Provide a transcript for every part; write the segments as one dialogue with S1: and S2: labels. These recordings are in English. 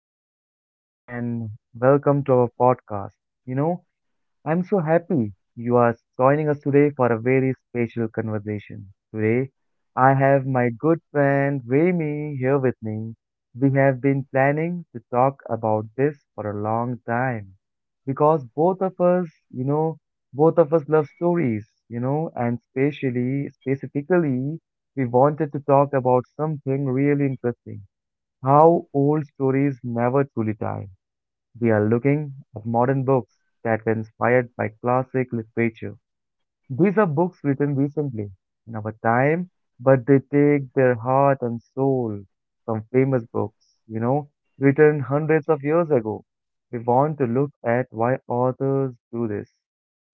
S1: guys doing? And welcome to our podcast. You know, I'm so happy you are joining us today for a very special conversation. Today, I have my good friend Remy here with me. We have been planning to talk about this for a long time because both of us, both of us love stories, and specifically, we wanted to talk about something really interesting how old stories never truly die. We are looking at modern books that were inspired by classic literature. These are books written recently in our time, but they take their heart and soul from famous books, written hundreds of years ago. We want to look at why authors do this,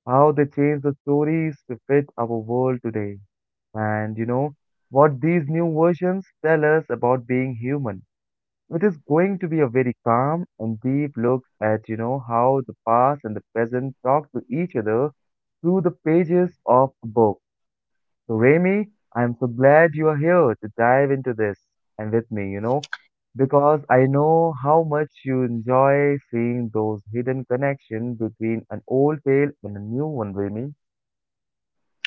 S1: how they change the stories to fit our world today, and what these new versions tell us about being human. It is going to be a very calm and deep look at, how the past and the present talk to each other through the pages of a book. So, Remy, I'm so glad you are here to dive into this and with me, because I know how much you enjoy seeing those hidden connections between an old tale and a new one, Remy.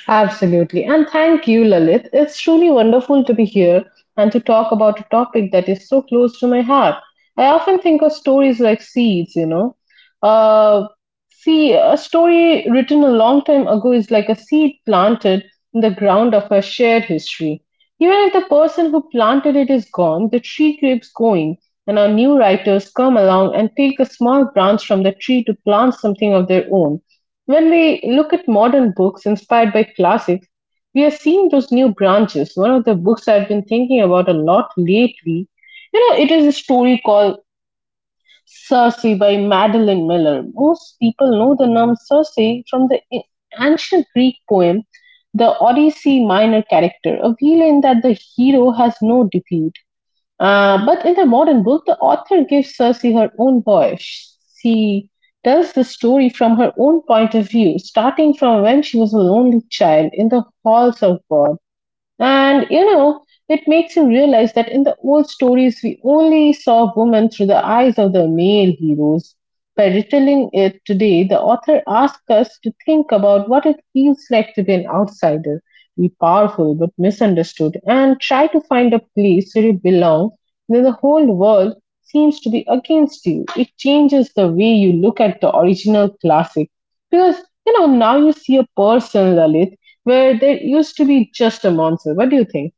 S2: Absolutely. And thank you, Lalit. It's truly wonderful to be here and to talk about a topic that is so close to my heart. I often think of stories like seeds, you know. Uh, See, a story written a long time ago is like a seed planted in the ground of a shared history. Even if the person who planted it is gone, the tree keeps going, and our new writers come along and take a small branch from the tree to plant something of their own. When we look at modern books inspired by classics, we are seeing those new branches. One of the books I've been thinking about a lot lately, you know, it is a story called Circe by Madeline Miller. Most people know the name Circe from the ancient Greek poem, the Odyssey Minor character, a villain that the hero has no defeat. But in the modern book, the author gives Cersei her own voice. She tells the story from her own point of view, starting from when she was a lonely child in the halls of war. And you know, it makes you realize that in the old stories, we only saw women through the eyes of the male heroes. By retelling it today, the author asks us to think about what it feels like to be an outsider, be powerful but misunderstood, and try to find a place where you belong when the whole world seems to be against you. It changes the way you look at the original classic. Because, you know, now you see a person, Lalit, where there used to be just a monsoon. What do you think?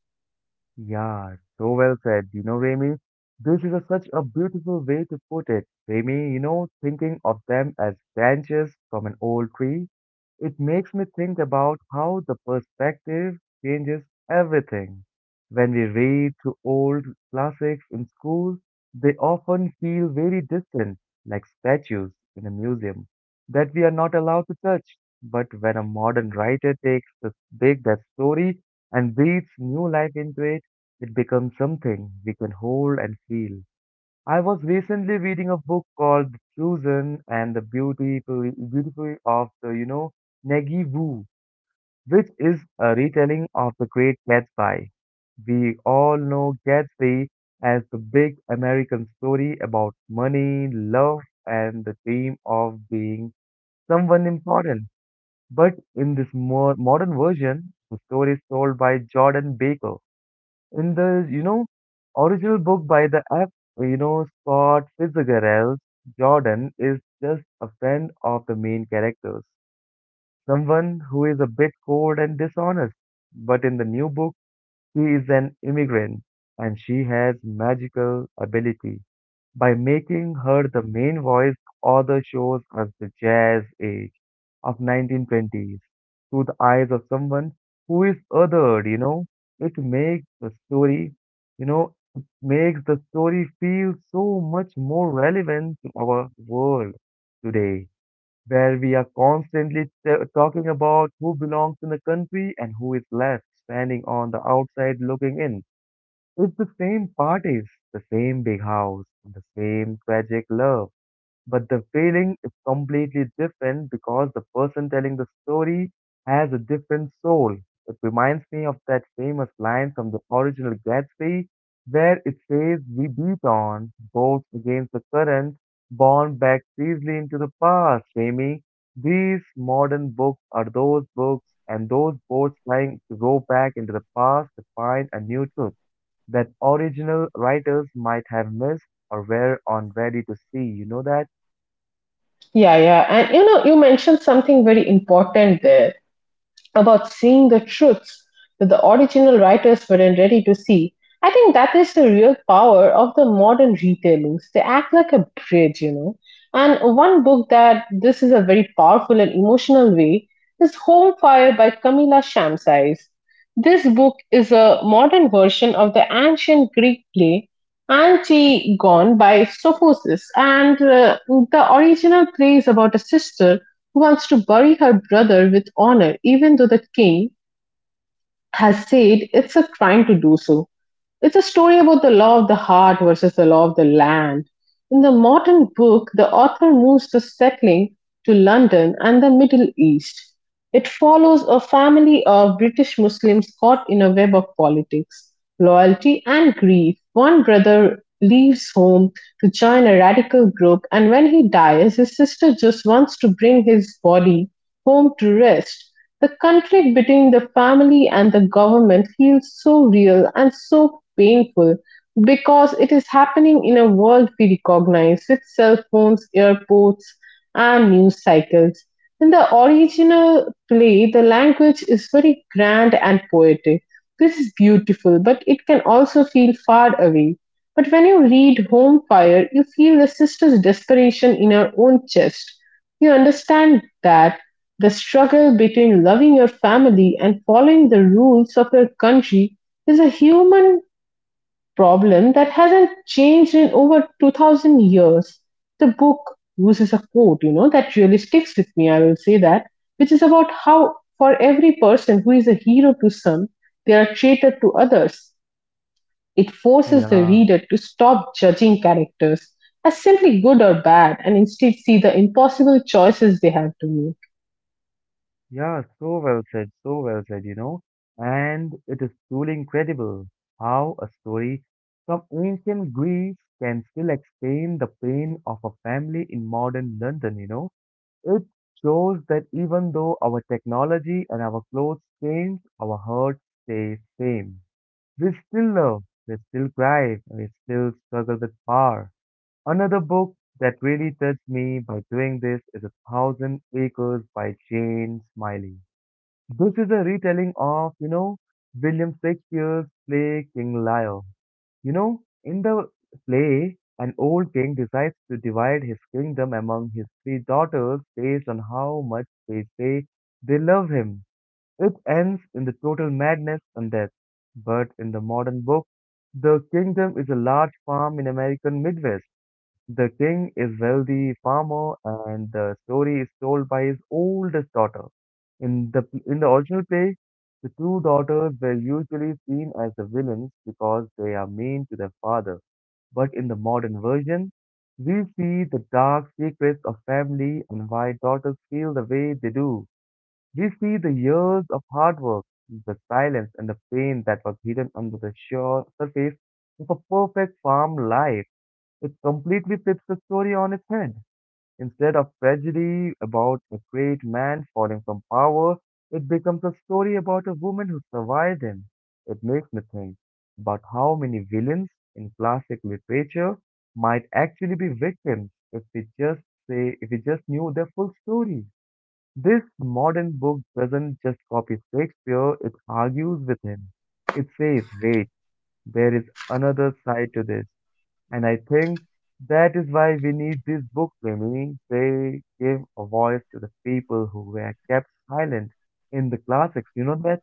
S1: Yeah, so well said. You know, Remy, this is such a beautiful way to put it. Remy, you know, thinking of them as branches from an old tree, it makes me think about how the perspective changes everything. When we read through old classics in school, they often feel very distant, like statues in a museum that we are not allowed to touch. But when a modern writer takes the big that story and breathes new life into it, it becomes something we can hold and feel. I was recently reading a book called The Chosen and the Beauty, Beauty of the, you know, Negi Wu, which is a retelling of the Great Gatsby. We all know Gatsby as the big American story about money, love, and the dream of being someone important. But in this more modern version, the story is told by Jordan Baker in the original book by the F you know Scott Fitzgerald. Jordan is just a friend of the main characters, someone who is a bit cold and dishonest. But in the new book, she is an immigrant and she has magical ability. By making her the main voice, author shows us the jazz age of 1920s through the eyes of someone who is othered. It makes the story, you know it makes the story feel so much more relevant to our world today, where we are constantly talking about who belongs in the country and who is left standing on the outside looking in. It's the same parties, the same big house, the same tragic love, but the feeling is completely different because the person telling the story has a different soul. It reminds me of that famous line from the original Gatsby where it says, "We beat on, boats against the current, borne back easily into the past," Jamie. These modern books are those books and those boats trying to go back into the past to find a new truth that original writers might have missed or were unready to see, you know that?
S2: Yeah, yeah. And you know, you mentioned something very important there, about seeing the truths that the original writers weren't ready to see. I think that is the real power of the modern retellings. They act like a bridge, you know. And one book that this is a very powerful and emotional way is Home Fire by Camilla Shamsais. This book is a modern version of the ancient Greek play Antigone by Sophocles, and the original play is about a sister who wants to bury her brother with honor even though the king has said it's a crime to do so. It's a story about the law of the heart versus the law of the land. In the modern book, the author moves the settling to London and the Middle East. It follows a family of British Muslims caught in a web of politics, loyalty, and grief. One brother leaves home to join a radical group, and when he dies, his sister just wants to bring his body home to rest. The conflict between the family and the government feels so real and so painful because it is happening in a world we recognize with cell phones, airports, and news cycles. In the original play, the language is very grand and poetic. This is beautiful, but it can also feel far away. But when you read Home Fire, you feel the sister's desperation in her own chest. You understand that the struggle between loving your family and following the rules of your country is a human problem that hasn't changed in over 2000 years. The book uses a quote, you know, that really sticks with me, I will say that, which is about how, for every person who is a hero to some, they are a traitor to others. It forces the
S1: Yeah,
S2: reader to stop judging characters as simply good or bad and instead see the impossible choices they have to make.
S1: yeah, so well said, you know. And it is truly incredible how a story from ancient Greece can still explain the pain of a family in modern London, you know. It shows that even though our technology and our clothes change, our hearts stay same. We still love, we still cry, and we still struggle with power. Another book that really touched me by doing this is A Thousand Acres by Jane Smiley. This is a retelling of, William Shakespeare's play King Lear. You know, in the play, an old king decides to divide his kingdom among his three daughters based on how much they say they love him. It ends in the total madness and death. But in the modern book, the kingdom is a large farm in American Midwest, the king is wealthy farmer, and the story is told by his oldest daughter. In the original play, the two daughters were usually seen as the villains because they are mean to their father. But in the modern version, we see the dark secrets of family and why daughters feel the way they do. We see the years of hard work, the silence, and the pain that was hidden under the surface of a perfect farm life. It completely flips the story on its head. Instead of tragedy about a great man falling from power, it becomes a story about a woman who survived him. It makes me think about how many villains in classic literature might actually be victims if we just knew their full story. This modern book doesn't just copy Shakespeare, it argues with him. It says, wait, there is another side to this. And I think that is why we need these books, Mimi. They give a voice to the people who were kept silent in the classics. You know that?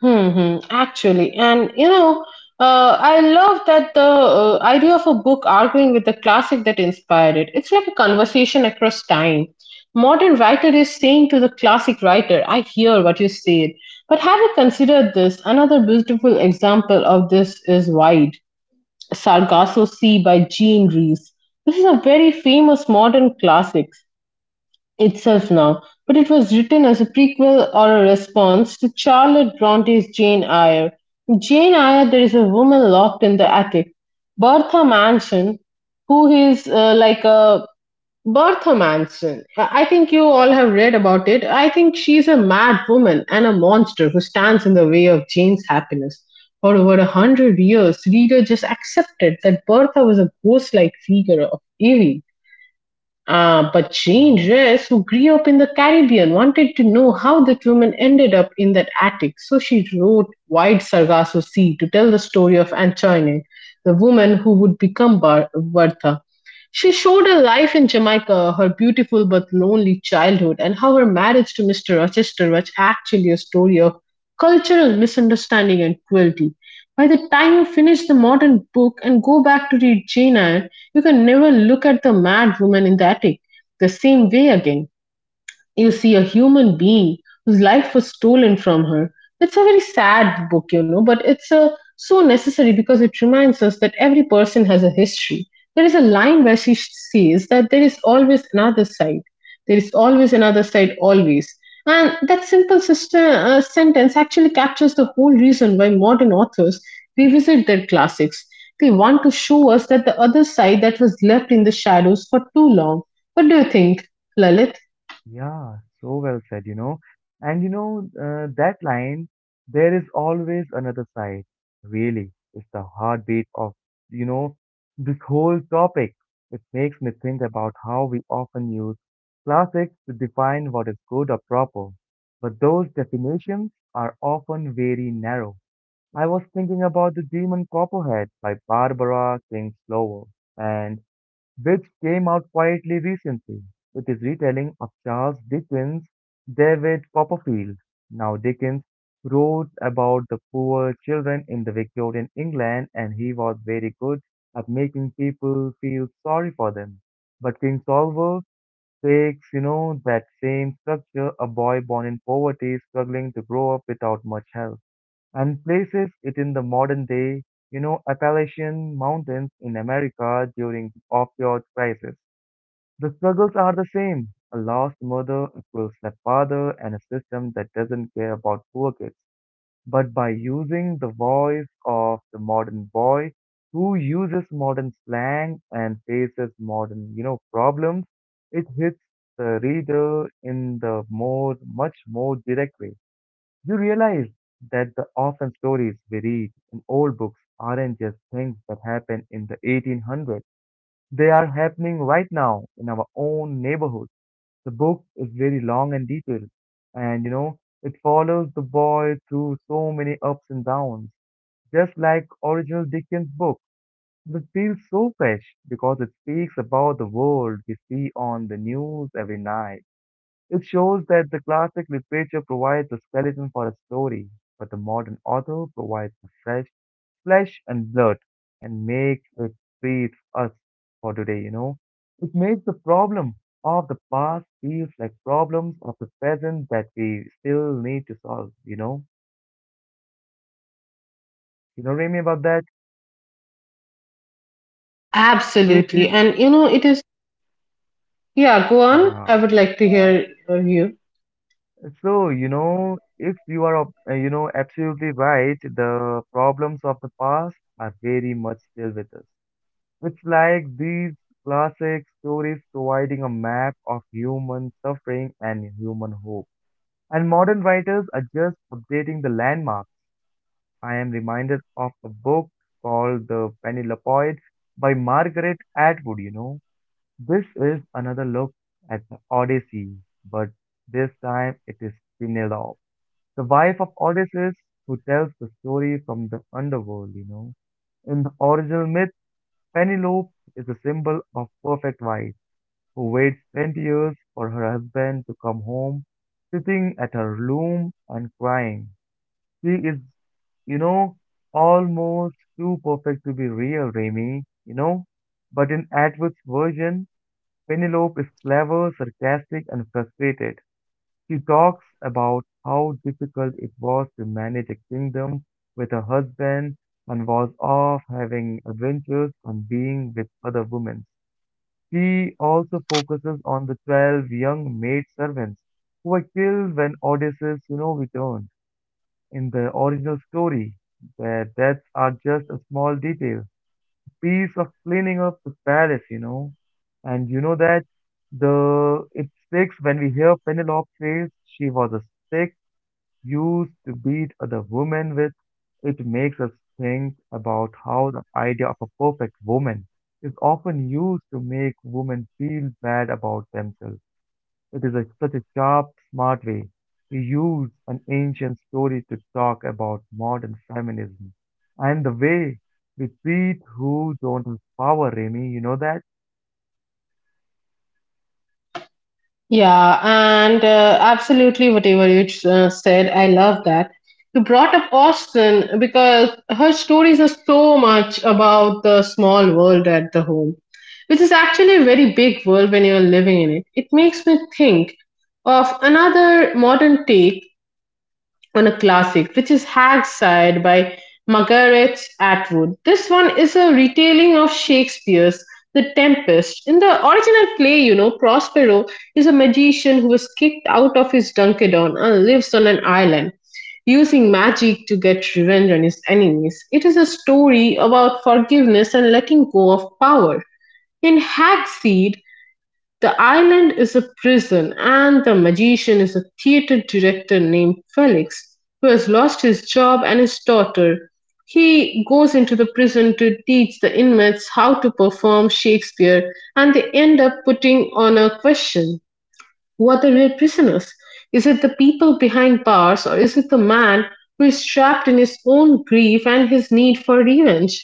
S2: Hmm. Actually, and you know, I love that the idea of a book arguing with the classic that inspired it. It's like a conversation across time. Modern writer is saying to the classic writer, "I hear what you said, but have you considered this?" Another beautiful example of this is Wide, Sargasso Sea by Jean Rhys. This is a very famous modern classic itself now, but it was written as a prequel or a response to Charlotte Bronte's Jane Eyre. In Jane Eyre, there is a woman locked in the attic, Bertha Manson, who is like a Bertha Manson. I think you all have read about it. I think she's a mad woman and a monster who stands in the way of Jane's happiness. For over a hundred years, reader just accepted that Bertha was a ghost-like figure of evil. But Jane
S1: Yeah.
S2: Reyes, who grew up in the Caribbean, wanted to know how that woman ended up in that attic, so she wrote Wide Sargasso Sea to tell the story of Antoinette, the woman who would become Bertha. She showed her life in Jamaica, her beautiful but lonely childhood, and how her marriage to Mr. Rochester was actually a story of cultural misunderstanding and cruelty. By the time you finish the modern book and go back to read Jane Eyre, you can never look at the mad woman in the attic the same way again. You see a human being whose life was stolen from her. It's a very sad book, you know, but it's so necessary because it reminds us that every person has a history. There is a line where she says that there is always another side. There is always another side, always. And that simple sister, sentence actually captures the whole reason why modern authors revisit their classics. They want to show us that the other side that was left in the shadows for too long. What do you think, Lalit?
S1: Yeah, so well said, you know. And you know, that line, there is always another side, really, is the heartbeat of, you know, this whole topic. It makes me think about how we often use classics to define what is good or proper. But those definitions are often very narrow. I was thinking about The Demon Copperhead by Barbara Kingsley, and which came out quietly recently with his retelling of Charles Dickens' David Copperfield. Now, Dickens wrote about the poor children in the Victorian England, and he was very good at making people feel sorry for them. But King Solver takes, that same structure, a boy born in poverty, struggling to grow up without much help, and places it in the modern day, Appalachian Mountains in America during opioid crisis. The struggles are the same. A lost mother, a cruel stepfather, and a system that doesn't care about poor kids. But by using the voice of the modern boy who uses modern slang and faces modern, problems, it hits the reader in the much more direct way. You realize that the often stories we read in old books aren't just things that happened in the 1800s. They are happening right now in our own neighborhood. The book is very long and detailed, and you know, it follows the boy through so many ups and downs, just like original Dickens book. But it feels so fresh because it speaks about the world we see on the news every night. It shows that the classic literature provides the skeleton for a story, but the modern author provides the fresh flesh and blood and makes it breathe us for today, you know. It makes the problem of the past feels like problems of the present that we still need to solve, you know. You know, Remy, about that? So if
S2: Absolutely.
S1: you,
S2: And you know, it is, yeah, go on.
S1: yeah.
S2: I would like to hear you.
S1: So, you know, if you are, absolutely right, the problems of the past are very much still with us. It's like these classic stories providing a map of human suffering and human hope. And modern writers are just updating the landmarks. I am reminded of a book called The Penelope by Margaret Atwood, you know. This is another look at the Odyssey, but this time it is Penelope, the wife of Odysseus, who tells the story from the underworld, you know. In the original myth, Penelope is a symbol of perfect wife who waits 20 years for her husband to come home, sitting at her loom and crying. She is, you know, almost too perfect to be real, Remy, you know. But in Atwood's version, Penelope is clever, sarcastic, and frustrated. She talks about how difficult it was to manage a kingdom with her husband and was off having adventures and being with other women. He also focuses on the 12 young maid servants who were killed when Odysseus, returned. In the original story, their deaths are just a small detail, piece of cleaning up the palace, you know. And you know that the it sticks when we hear Penelope says she was a stick used to beat other women with. It makes us think about how the idea of a perfect woman is often used to make women feel bad about themselves. It is such a sharp, smart way to use an ancient story to talk about modern feminism and the way we treat who don't have power, Remy. You know that?
S2: Yeah, and absolutely whatever you said, I love that. You brought up Austin because her stories are so much about the small world at the home, which is actually a very big world when you're living in it. It makes me think of another modern take on a classic, which is Hag's Side by Margaret Atwood. This one is a retelling of Shakespeare's The Tempest. In the original play, you know, Prospero is a magician who was kicked out of his Dunkedon and lives on an island, using magic to get revenge on his enemies. It is a story about forgiveness and letting go of power. In Hagseed, the island is a prison and the magician is a theater director named Felix who has lost his job and his daughter. He goes into the prison to teach the inmates how to perform Shakespeare and they end up putting on a question. Who are the real prisoners? Is it the people behind bars, or is it the man who is trapped in his own grief and his need for revenge?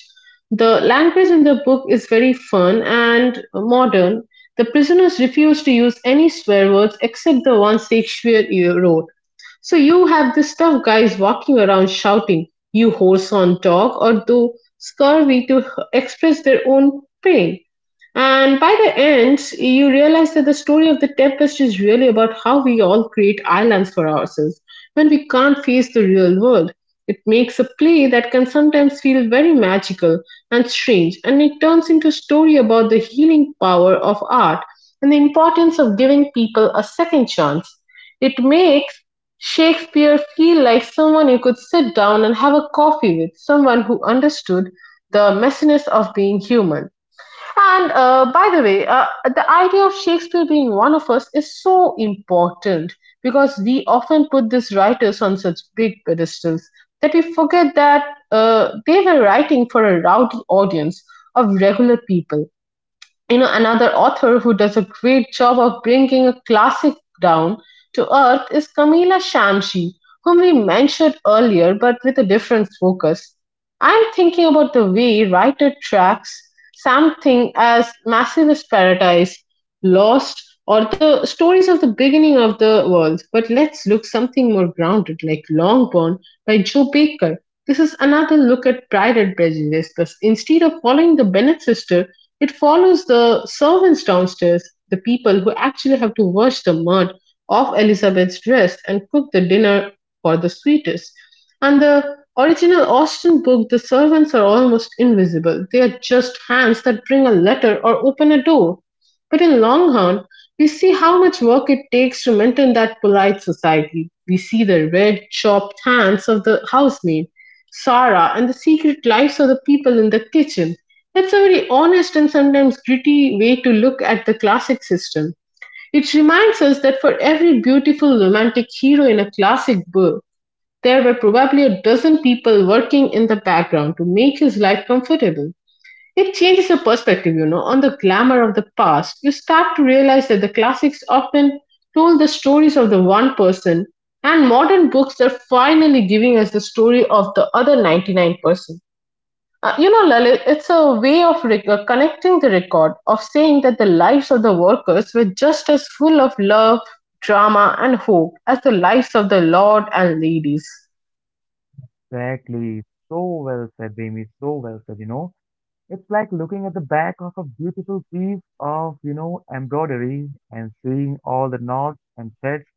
S2: The language in the book is very fun and modern. The prisoners refuse to use any swear words except the ones Shakespeare wrote. So you have this tough guys walking around shouting, you whoreson dog, or though scurvy to express their own pain. And by the end, you realize that the story of the Tempest is really about how we all create islands for ourselves when we can't face the real world. It makes a play that can sometimes feel very magical and strange, and it turns into a story about the healing power of art and the importance of giving people a second chance. It makes Shakespeare feel like someone you could sit down and have a coffee with, someone who understood the messiness of being human. And by the way, the idea of Shakespeare being one of us is so important because we often put these writers on such big pedestals that we forget that they were writing for a rowdy audience of regular people. You know another author who does a great job of bringing a classic down to earth is Camila Shamshi, whom we mentioned earlier but with a different focus. I'm thinking about the way writer tracks something as massive as paradise, lost, or the stories of the beginning of the world. But let's look something more grounded, like Longbourn by Joe Baker. This is another look at Pride and Prejudice, but instead of following the Bennet sister, it follows the servants downstairs, the people who actually have to wash the mud off Elizabeth's dress and cook the dinner for the sweetest. And the original Austen book, the servants are almost invisible. They are just hands that bring a letter or open a door. But in Longhorn, we see how much work it takes to maintain that polite society. We see the red, chopped hands of the housemaid, Sarah, and the secret lives of the people in the kitchen. That's a very honest and sometimes gritty way to look at the classic system. It reminds us that for every beautiful romantic hero in a classic book, there were probably a dozen people working in the background to make his life comfortable. It changes your perspective, you know, on the glamour of the past. You start to realize that the classics often told the stories of the one person, and modern books are finally giving us the story of the other 99%. You know, Lalit, it's a way of connecting the record, of saying that the lives of the workers were just as full of love, drama, and hope as the lives of the lord and ladies.
S1: Exactly. So well said, Remy. So well said, you know. It's like looking at the back of a beautiful piece of, embroidery and seeing all the knots and threads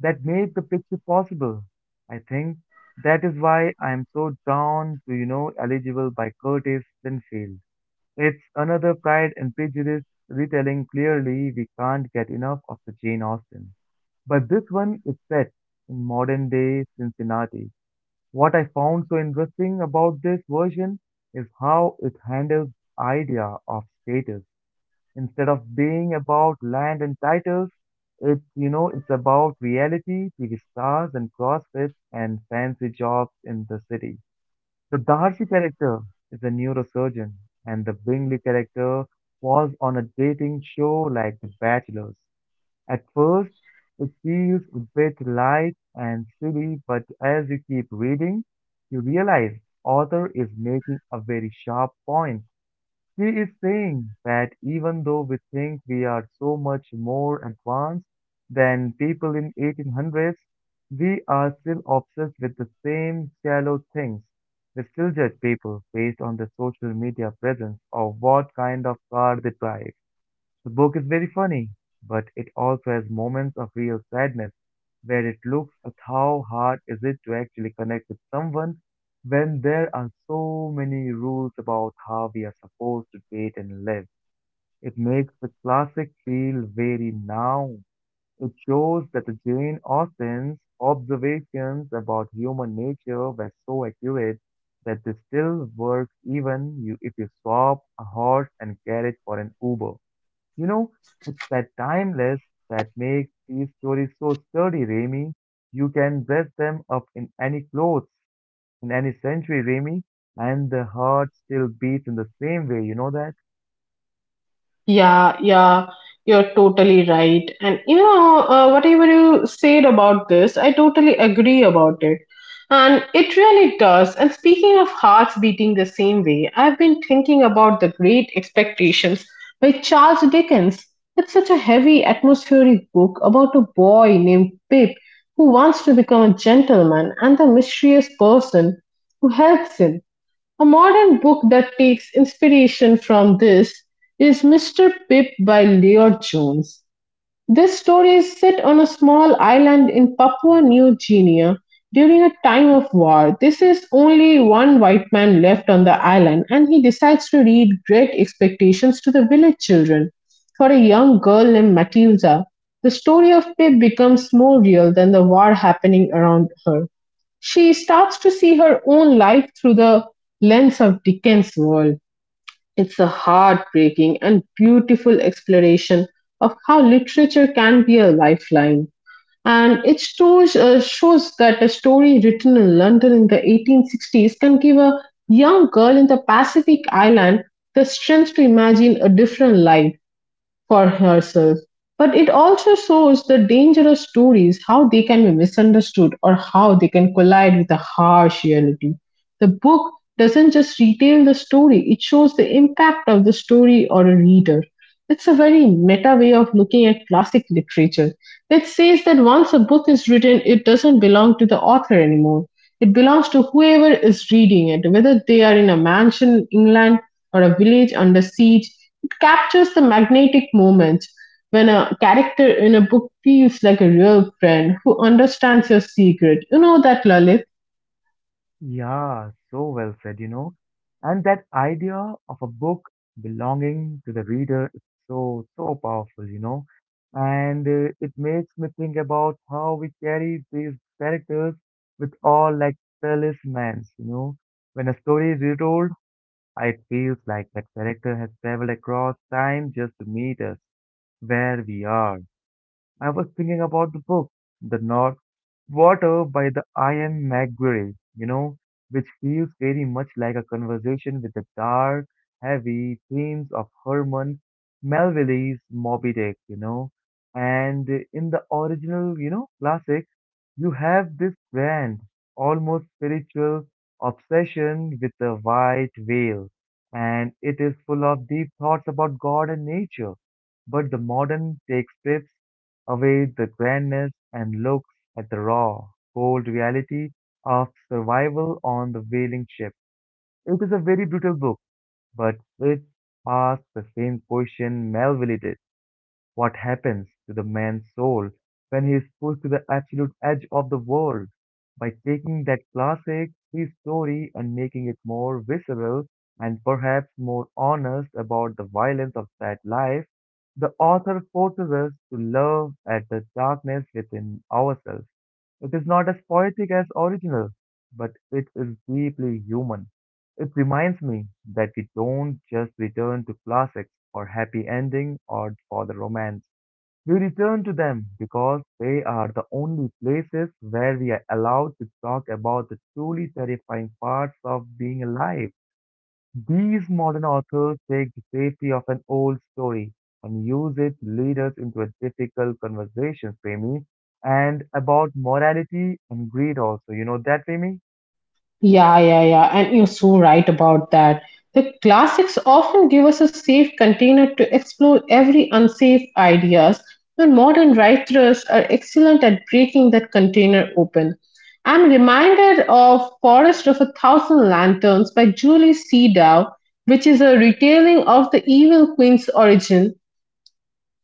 S1: that made the picture possible. I think that is why I am so drawn to, Eligible by Curtis Sinfield. It's another Pride and Prejudice retelling. Clearly, we can't get enough of the Jane Austen. But this one is set in modern day Cincinnati. What I found so interesting about this version is how it handles the idea of status. Instead of being about land and titles, it's you know it's about reality, TV stars and CrossFits and fancy jobs in the city. The Darcy character is a neurosurgeon, and the Bingley character was on a dating show like The Bachelors. At first, it feels a bit light and silly, but as you keep reading, you realize author is making a very sharp point. He is saying that even though we think we are so much more advanced than people in 1800s, we are still obsessed with the same shallow things. We still judge people based on their social media presence or what kind of car they drive. The book is very funny, but it also has moments of real sadness where it looks at how hard is it to actually connect with someone when there are so many rules about how we are supposed to date and live. It makes the classic feel very now. It shows that the Jane Austen's observations about human nature were so accurate that they still work even you if you swap a horse and carriage for an Uber. You know, it's that timeless that makes these stories so sturdy, Remy. You can dress them up in any clothes, in any century, Remy, and the heart still beats in the same way, you know that?
S2: Yeah, yeah, you're totally right. And you know, whatever you said about this, I totally agree about it. And it really does. And speaking of hearts beating the same way, I've been thinking about The Great Expectations by Charles Dickens. It's such a heavy, atmospheric book about a boy named Pip who wants to become a gentleman and the mysterious person who helps him. A modern book that takes inspiration from this is "Mr. Pip" by Lloyd Jones. This story is set on a small island in Papua New Guinea during a time of war. This is only one white man left on the island, and he decides to read Great Expectations to the village children for a young girl named Matilda. The story of Pip becomes more real than the war happening around her. She starts to see her own life through the lens of Dickens' world. It's a heartbreaking and beautiful exploration of how literature can be a lifeline. And it shows that a story written in London in the 1860s can give a young girl in the Pacific island the strength to imagine a different life for herself. But it also shows the dangerous stories, how they can be misunderstood or how they can collide with a harsh reality. The book doesn't just retell the story, it shows the impact of the story on a reader. It's a very meta way of looking at classic literature that says that once a book is written, it doesn't belong to the author anymore. It belongs to whoever is reading it, whether they are in a mansion in England or a village under siege. It captures the magnetic moment when a character in a book feels like a real friend who understands your secret. You know that, Lalit?
S1: Yeah, so well said, And that idea of a book belonging to the reader is so, so powerful, And it makes me think about how we carry these characters with all like talismans, When a story is retold, it feels like that character has traveled across time just to meet us where we are. I was thinking about the book, The North. Water by the Iron Maguire, you know, which feels very much like a conversation with the dark, heavy themes of Herman Melville's Moby Dick, And in the original, classic, you have this grand, almost spiritual obsession with the white whale, and it is full of deep thoughts about God and nature. But the modern take strips away the grandness and looks at the raw, cold reality of survival on the whaling ship. It is a very brutal book, but it asks the same question Melville did. What happens to the man's soul when he is pushed to the absolute edge of the world? By taking that classic sea story and making it more visceral and perhaps more honest about the violence of that life, the author forces us to love at the darkness within ourselves. It is not as poetic as original, but it is deeply human. It reminds me that we don't just return to classics for happy ending or for the romance. We return to them because they are the only places where we are allowed to talk about the truly terrifying parts of being alive. These modern authors take the safety of an old story and use it to lead us into a difficult conversation, Premi, and about morality and greed also. You know that, Premi?
S2: Yeah, yeah, yeah. And you're so right about that. The classics often give us a safe container to explore every unsafe ideas, and modern writers are excellent at breaking that container open. I'm reminded of Forest of a Thousand Lanterns by Julie Seedow, which is a retelling of the Evil Queen's origin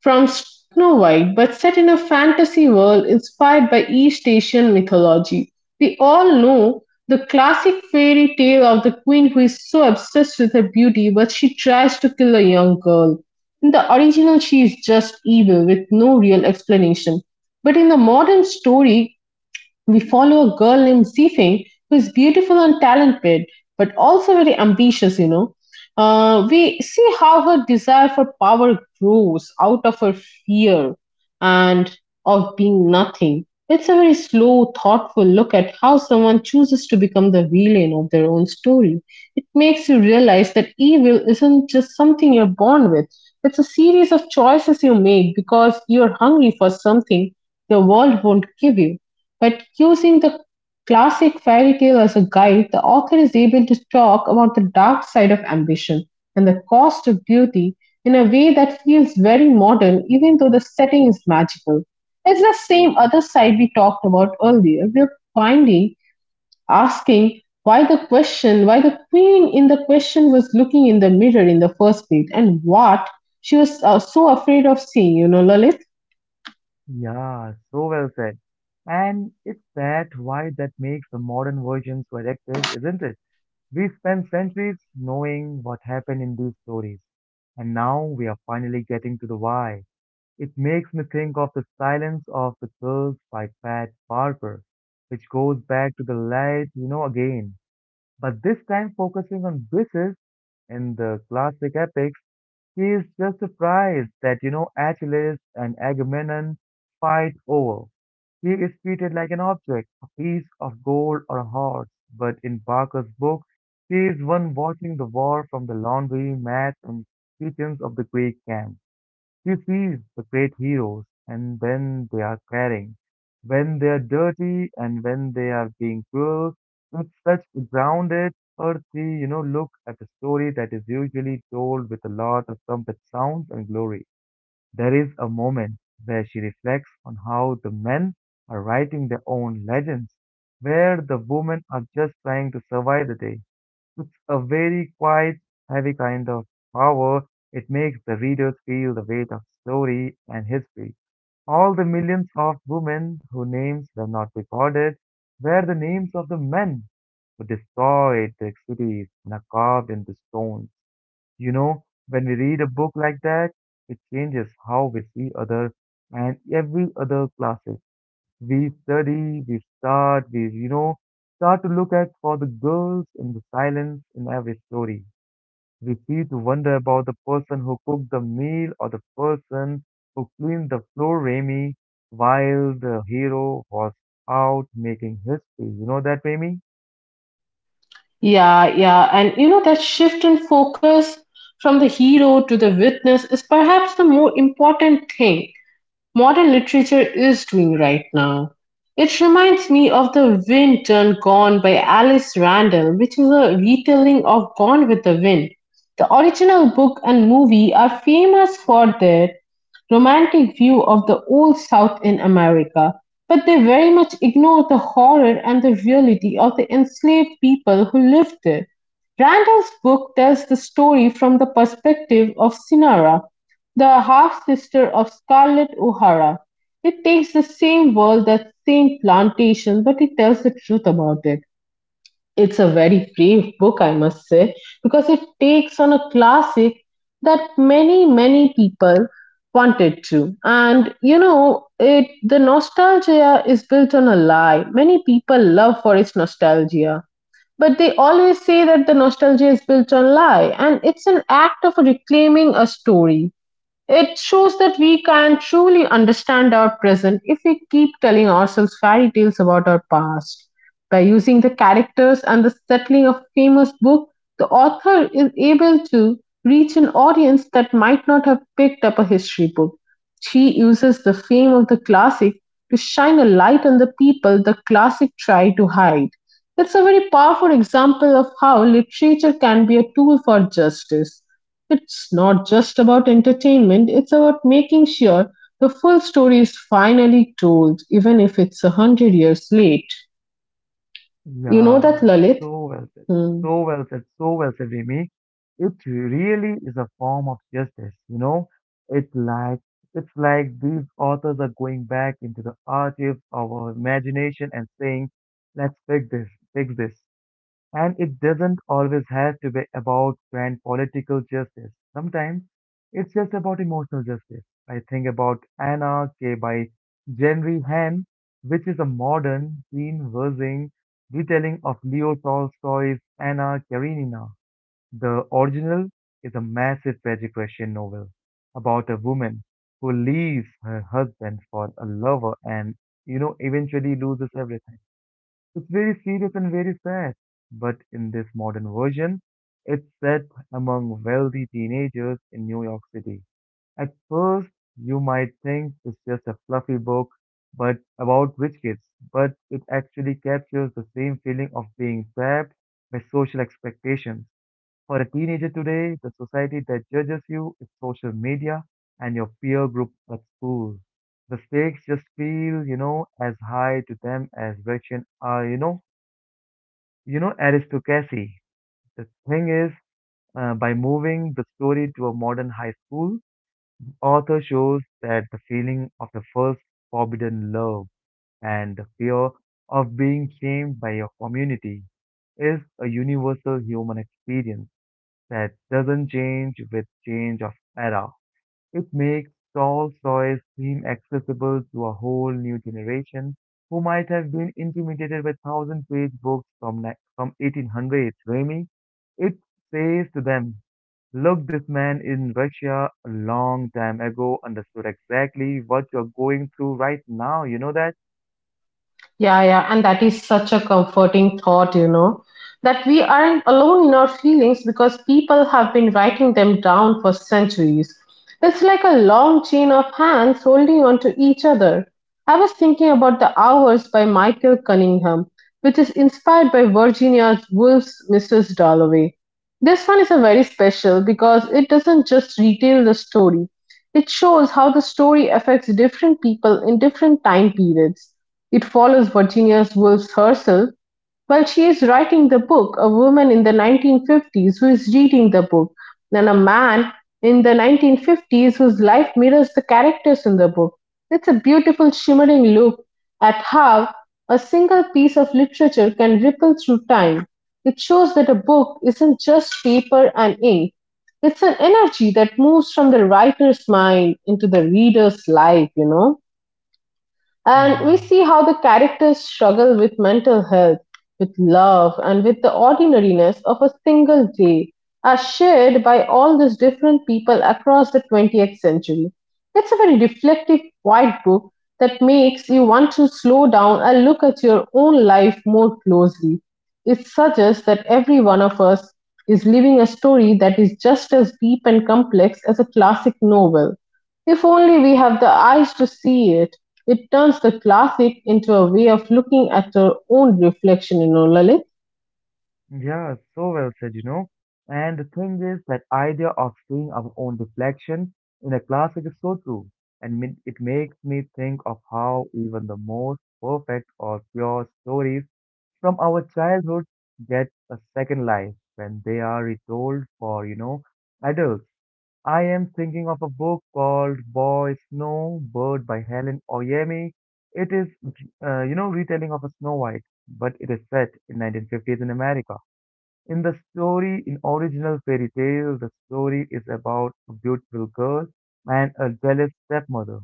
S2: from Snow White, but set in a fantasy world inspired by East Asian mythology. We all know the classic fairy tale of the queen who is so obsessed with her beauty but she tries to kill a young girl. In the original, she is just evil with no real explanation. But in the modern story, we follow a girl named Zhifeng who is beautiful and talented, but also very ambitious, you know. We see how her desire for power grows out of her fear and of being nothing. It's a very slow, thoughtful look at how someone chooses to become the villain of their own story. It makes you realize that evil isn't just something you're born with, it's a series of choices you make because you're hungry for something the world won't give you. But using the classic fairy tale as a guide, the author is able to talk about the dark side of ambition and the cost of beauty in a way that feels very modern, even though the setting is magical. It's the same other side we talked about earlier. We're finding, asking why the question, why the queen in the question was looking in the mirror in the first place, and what she was so afraid of seeing, you know, Lalit.
S1: Yeah, so well said. And it's that why that makes the modern version so addictive, isn't it? We spent centuries knowing what happened in these stories, and now we are finally getting to the why. It makes me think of The Silence of the Girls by Pat Barber, which goes back to the light, again, but this time focusing on Briseis in the classic epics. He is just surprised that, Achilles and Agamemnon fight over. He is treated like an object, a piece of gold or a horse, but in Barker's book, he is one watching the war from the laundry mats and kitchens of the Greek camp. You see the great heroes, and when they are caring, when they are dirty, and when they are being cruel, with such grounded, earthy, look at a story that is usually told with a lot of trumpet sounds and glory. There is a moment where she reflects on how the men are writing their own legends, where the women are just trying to survive the day. It's a very quiet, heavy kind of power. It makes the readers feel the weight of story and history. All the millions of women whose names were not recorded were the names of the men who destroyed their cities and are carved into stone. You know, when we read a book like that, it changes how we see other and every other classes. We start to look at for the girls in the silence in every story. We see to wonder about the person who cooked the meal or the person who cleaned the floor, Remy, while the hero was out making history. You know that, Remy?
S2: Yeah, yeah. And you know, that shift in focus from the hero to the witness is perhaps the more important thing. Modern literature is doing right now. It reminds me of The Wind Turned Gone by Alice Randall, which is a retelling of Gone with the Wind. The original book and movie are famous for their romantic view of the Old South in America, but they very much ignore the horror and the reality of the enslaved people who lived there. Randall's book tells the story from the perspective of Sinara, the half-sister of Scarlett O'Hara. It takes the same world, that same plantation, but it tells the truth about it. It's a very brave book, I must say, because it takes on a classic that many, many people wanted to. And you know, it the nostalgia is built on a lie. Many people love for its nostalgia. But they always say that the nostalgia is built on lie, and it's an act of reclaiming a story. It shows that we can truly understand our present if we keep telling ourselves fairy tales about our past. By using the characters and the setting of a famous book, the author is able to reach an audience that might not have picked up a history book. She uses the fame of the classic to shine a light on the people the classic tried to hide. It's a very powerful example of how literature can be a tool for justice. It's not just about entertainment, it's about making sure the full story is finally told, even if it's a hundred years late. You know that,
S1: Yeah,
S2: Lalit?
S1: so well said.
S2: Hmm.
S1: So well said. So well said, Remy. It really is a form of justice, It's like it's like these authors are going back into the archives of our imagination and saying, "Let's fix this, fix this." And it doesn't always have to be about grand political justice. Sometimes it's just about emotional justice. I think about Anna K. by Jenry Han, which is a modern, Jean Virgin retelling of Leo Tolstoy's Anna Karenina. The original is a massive tragic Russian novel about a woman who leaves her husband for a lover and, eventually loses everything. It's very serious and very sad. But in this modern version, it's set among wealthy teenagers in New York City. At first, you might think it's just a fluffy book but about rich kids, but it actually captures the same feeling of being trapped by social expectations. For a teenager today, the society that judges you is social media and your peer group at school. The stakes just feel, as high to them as Russian are, aristocracy. The thing is, by moving the story to a modern high school, author shows that the feeling of the first forbidden love and the fear of being shamed by your community is a universal human experience that doesn't change with change of era. It makes tall soils seem accessible to a whole new generation who might have been intimidated by thousand-page books from from 1800s. Remy, it says to them, "Look, this man in Russia a long time ago understood exactly what you're going through right now. You know that?"
S2: Yeah, yeah, and that is such a comforting thought, you know, that we aren't alone in our feelings because people have been writing them down for centuries. It's like a long chain of hands holding on to each other. I was thinking about The Hours by Michael Cunningham, which is inspired by Virginia Woolf's Mrs. Dalloway. This one is a very special because it doesn't just retell the story. It shows how the story affects different people in different time periods. It follows Virginia Woolf herself while she is writing the book, a woman in the 1950s who is reading the book, and a man in the 1950s whose life mirrors the characters in the book. It's a beautiful, shimmering look at how a single piece of literature can ripple through time. It shows that a book isn't just paper and ink. It's an energy that moves from the writer's mind into the reader's life, you know. And
S1: Yeah.
S2: we see how the characters struggle with mental health, with love, and with the ordinariness of a single day, as shared by all these different people across the 20th century. It's a very reflective, quiet book that makes you want to slow down and look at your own life more closely. It suggests that every one of us is living a story that is just as deep and complex as a classic novel, if only we have the eyes to see it. It turns the classic into a way of looking at our own reflection in our lives.
S1: Yeah, so well said, And the thing is, that idea of seeing our own reflection in a classic is so true. And it makes me think of how even the most perfect or pure stories from our childhood get a second life when they are retold for, adults. I am thinking of a book called Boy Snow Bird by Helen Oyemi. It is, retelling of a Snow White, but it is set in 1950s in America in the story, in original fairy tale, the story is about a beautiful girl and a jealous stepmother,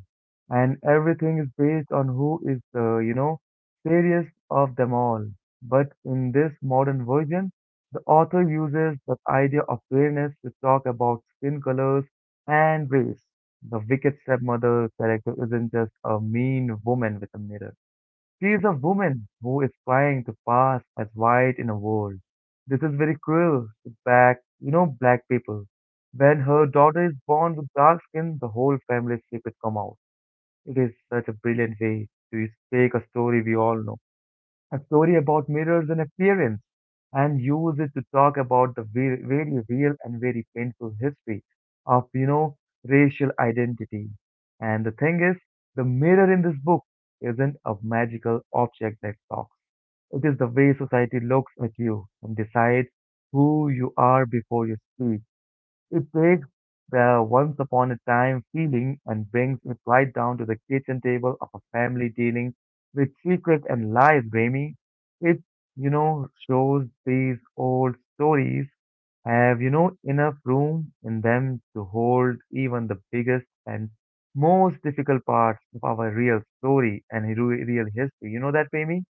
S1: and everything is based on who is the, fairest of them all. But in this modern version, the author uses the idea of fairness to talk about skin colors and race. The wicked stepmother character isn't just a mean woman with a mirror. She is a woman who is trying to pass as white in a world. This is very cruel to black, black people. When her daughter is born with dark skin, the whole family secret come out. It is such a brilliant way to take a story we all know a story about mirrors and appearance, and use it to talk about the very, very real and very painful history of, racial identity. And the thing is, the mirror in this book isn't a magical object that talks. It is the way society looks at you and decides who you are before you speak. It takes the once upon a time feeling and brings it right down to the kitchen table of a family dealing with secrets and lies, Remy. It, shows these old stories have, enough room in them to hold even the biggest and most difficult parts of our real story and real history. You know that, Remy?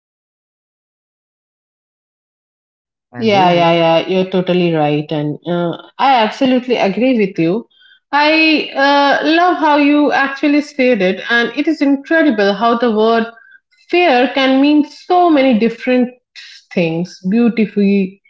S1: And
S2: Yeah, yeah,
S1: Remy,
S2: yeah. You're totally right, and I absolutely agree with you. I love how you actually said it, and it is incredible how the word fair can mean so many different things: beautifully,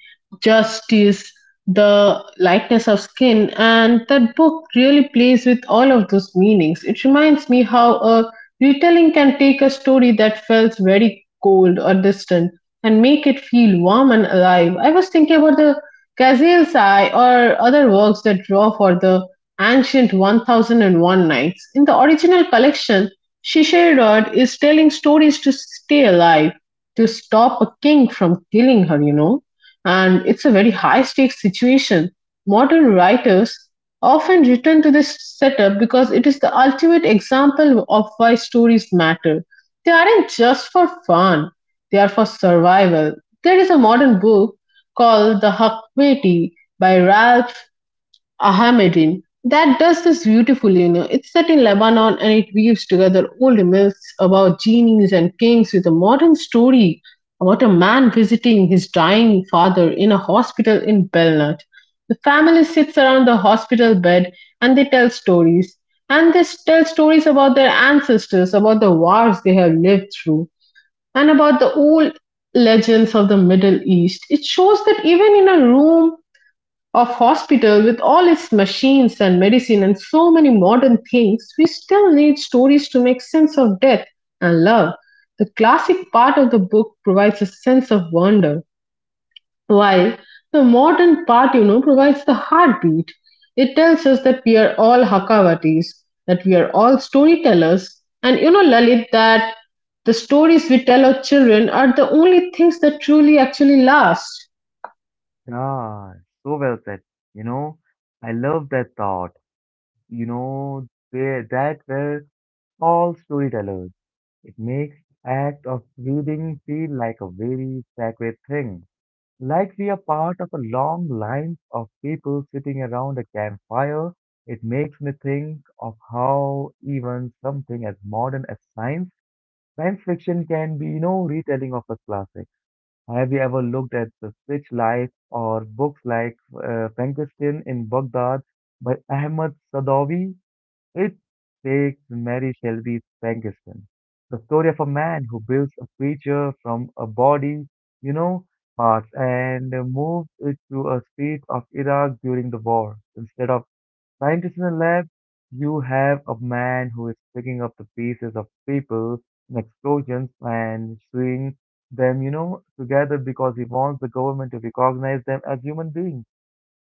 S2: justice, the lightness of skin, and that book really plays with all of those meanings. It reminds me how a retelling can take a story that felt very cold or distant and make it feel warm and alive. I was thinking about the Ghazal Sai or other works that draw for the ancient 1001 Nights. In the original collection, Shishairod is telling stories to stay alive, to stop a king from killing her, you know. And it's a very high stakes situation. Modern writers often return to this setup because it is the ultimate example of why stories matter. They aren't just for fun they are for survival. There is a modern book called The Hakmeti by Ralph Ahmadine that does this beautifully. You know, it's set in Lebanon and it weaves together old myths about genies and kings with a modern story about a man visiting his dying father in a hospital in Belnut. The family sits around the hospital bed and they tell stories. And they tell stories about their ancestors, about the wars they have lived through and about the old legends of the Middle East. It shows that even in a room of hospital with all its machines and medicine and so many modern things, we still need stories to make sense of death and love. The classic part of the book provides a sense of wonder. While the modern part you know, provides the heartbeat, it tells us that we are all Hakavatis, that we are all storytellers. And you know, Lalit, that the stories we tell our children are the only things that truly actually last.
S1: ah, so well said. You know, I love that thought. That were all storytellers. It makes act of reading feel like a very sacred thing. Like we are part of a long line of people sitting around a campfire. It makes me think of how even something as modern as science fiction can be, retelling of a classic. Have you ever looked at the Switch Life or books like Frankenstein in Baghdad by Ahmad Sadawi? It takes Mary Shelby Frankenstein, the story of a man who builds a creature from a body, you know, parts, and moves it to a street of Iraq during the war. Instead of scientists in a lab, you have a man who is picking up the pieces of people in explosions and sewing them, together because he wants the government to recognize them as human beings.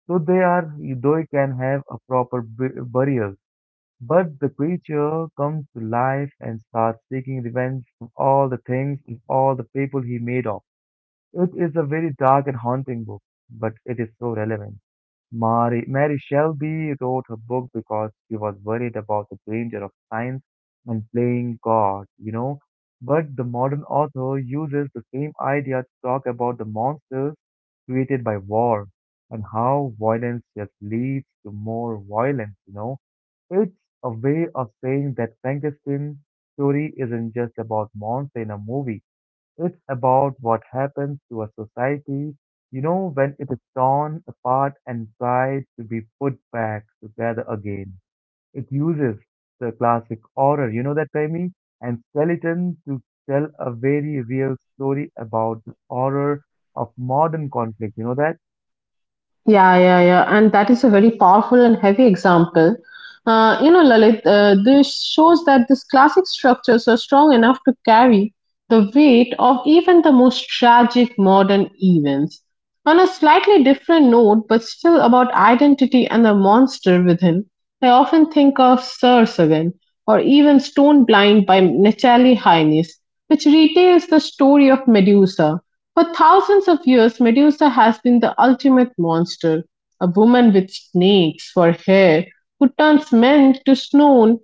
S1: So they are, though, can have a proper burial. But the creature comes to life and starts seeking revenge from all the things and all the people he made of. It is a very dark and haunting book, but it is so relevant. Mary Shelby wrote her book because she was worried about the danger of science and playing God. But the modern author uses the same idea to talk about the monsters created by war and how violence just leads to more violence. It's a way of saying that Frankenstein's story isn't just about monster in a movie. It's about what happens to a society, when it is torn apart and tried to be put back together again. It uses the classic horror, you know that, Raimi, and skeleton to tell a very real story about the horror of modern conflict. You know that?
S2: Yeah, yeah, yeah. And that is a very powerful and heavy example. You know, Lalit, this shows that these classic structures are strong enough to carry the weight of even the most tragic modern events. On a slightly different note, but still about identity and the monster within, I often think of Sir Sagan or even Stone Blind by Natalie Hines, which retails the story of Medusa for thousands of years. Medusa has been the ultimate monster, a woman with snakes for hair who turns men to stone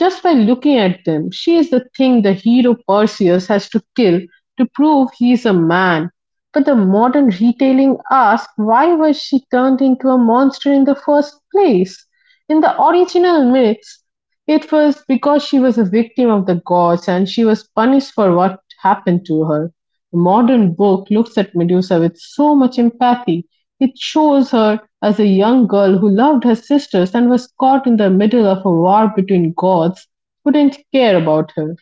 S2: just by looking at them. She is the thing the hero Perseus has to kill to prove he is a man. But the modern retelling asks, why was she turned into a monster in the first place? In the original myths, it was because she was a victim of the gods and she was punished for what happened to her. The modern book looks at Medusa with so much empathy. It shows her as a young girl who loved her sisters and was caught in the middle of a war between gods who didn't care about her.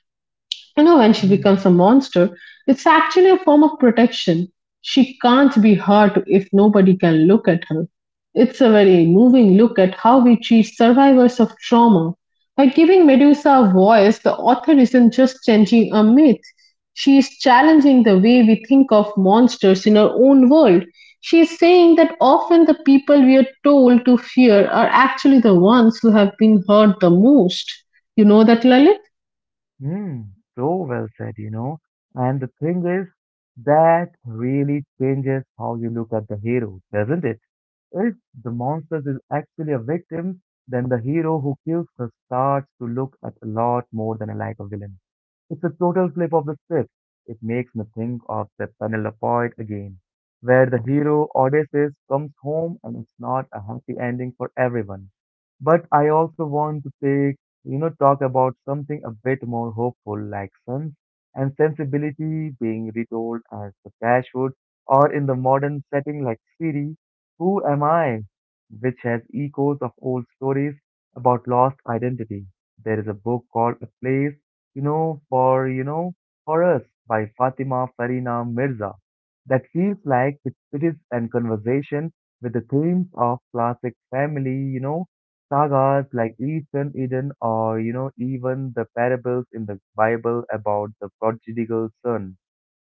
S2: You know, when she
S1: Hmm.
S2: becomes a monster, it's actually a form of protection. She can't be hurt if nobody can look at her. It's a very moving look at how we treat survivors of trauma. By giving Medusa a voice, the author isn't just changing a myth. She is challenging the way we think of monsters in our own world. She is saying that often the people we are told to fear are actually the ones who have been hurt the most. You know that, Lalit?
S1: Mm, so well said. And the thing is, that really changes how you look at the hero, doesn't it? If the monster is actually a victim, then the hero who kills her starts to look at a lot more than a like a villain. It's a total flip of the script. It makes me think of the Penelope again, where the hero Odysseus comes home and it's not a happy ending for everyone. But I also want to talk about something a bit more hopeful, like Sense and Sensibility being retold as the Dashwood, or in the modern setting like Siri, Who Am I? Which has echoes of old stories about lost identity. There is a book called A Place, you know, for, you know, for us by Fatima Farina Mirza that feels like it is in conversation with the themes of classic family, sagas like Eastern Eden or, even the parables in the Bible about the prodigal son.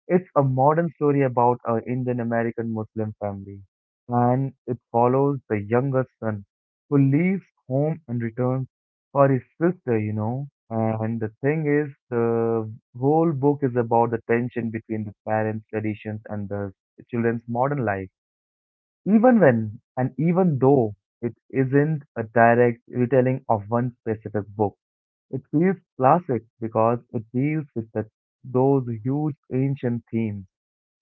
S1: It's a modern story about an Indian American Muslim family, and it follows the younger son who leaves home and returns for his sister. And the thing is, the whole book is about the tension between the parents' traditions and the children's modern life even when and even though it isn't a direct retelling of one specific book. It feels classic because it deals with those huge ancient themes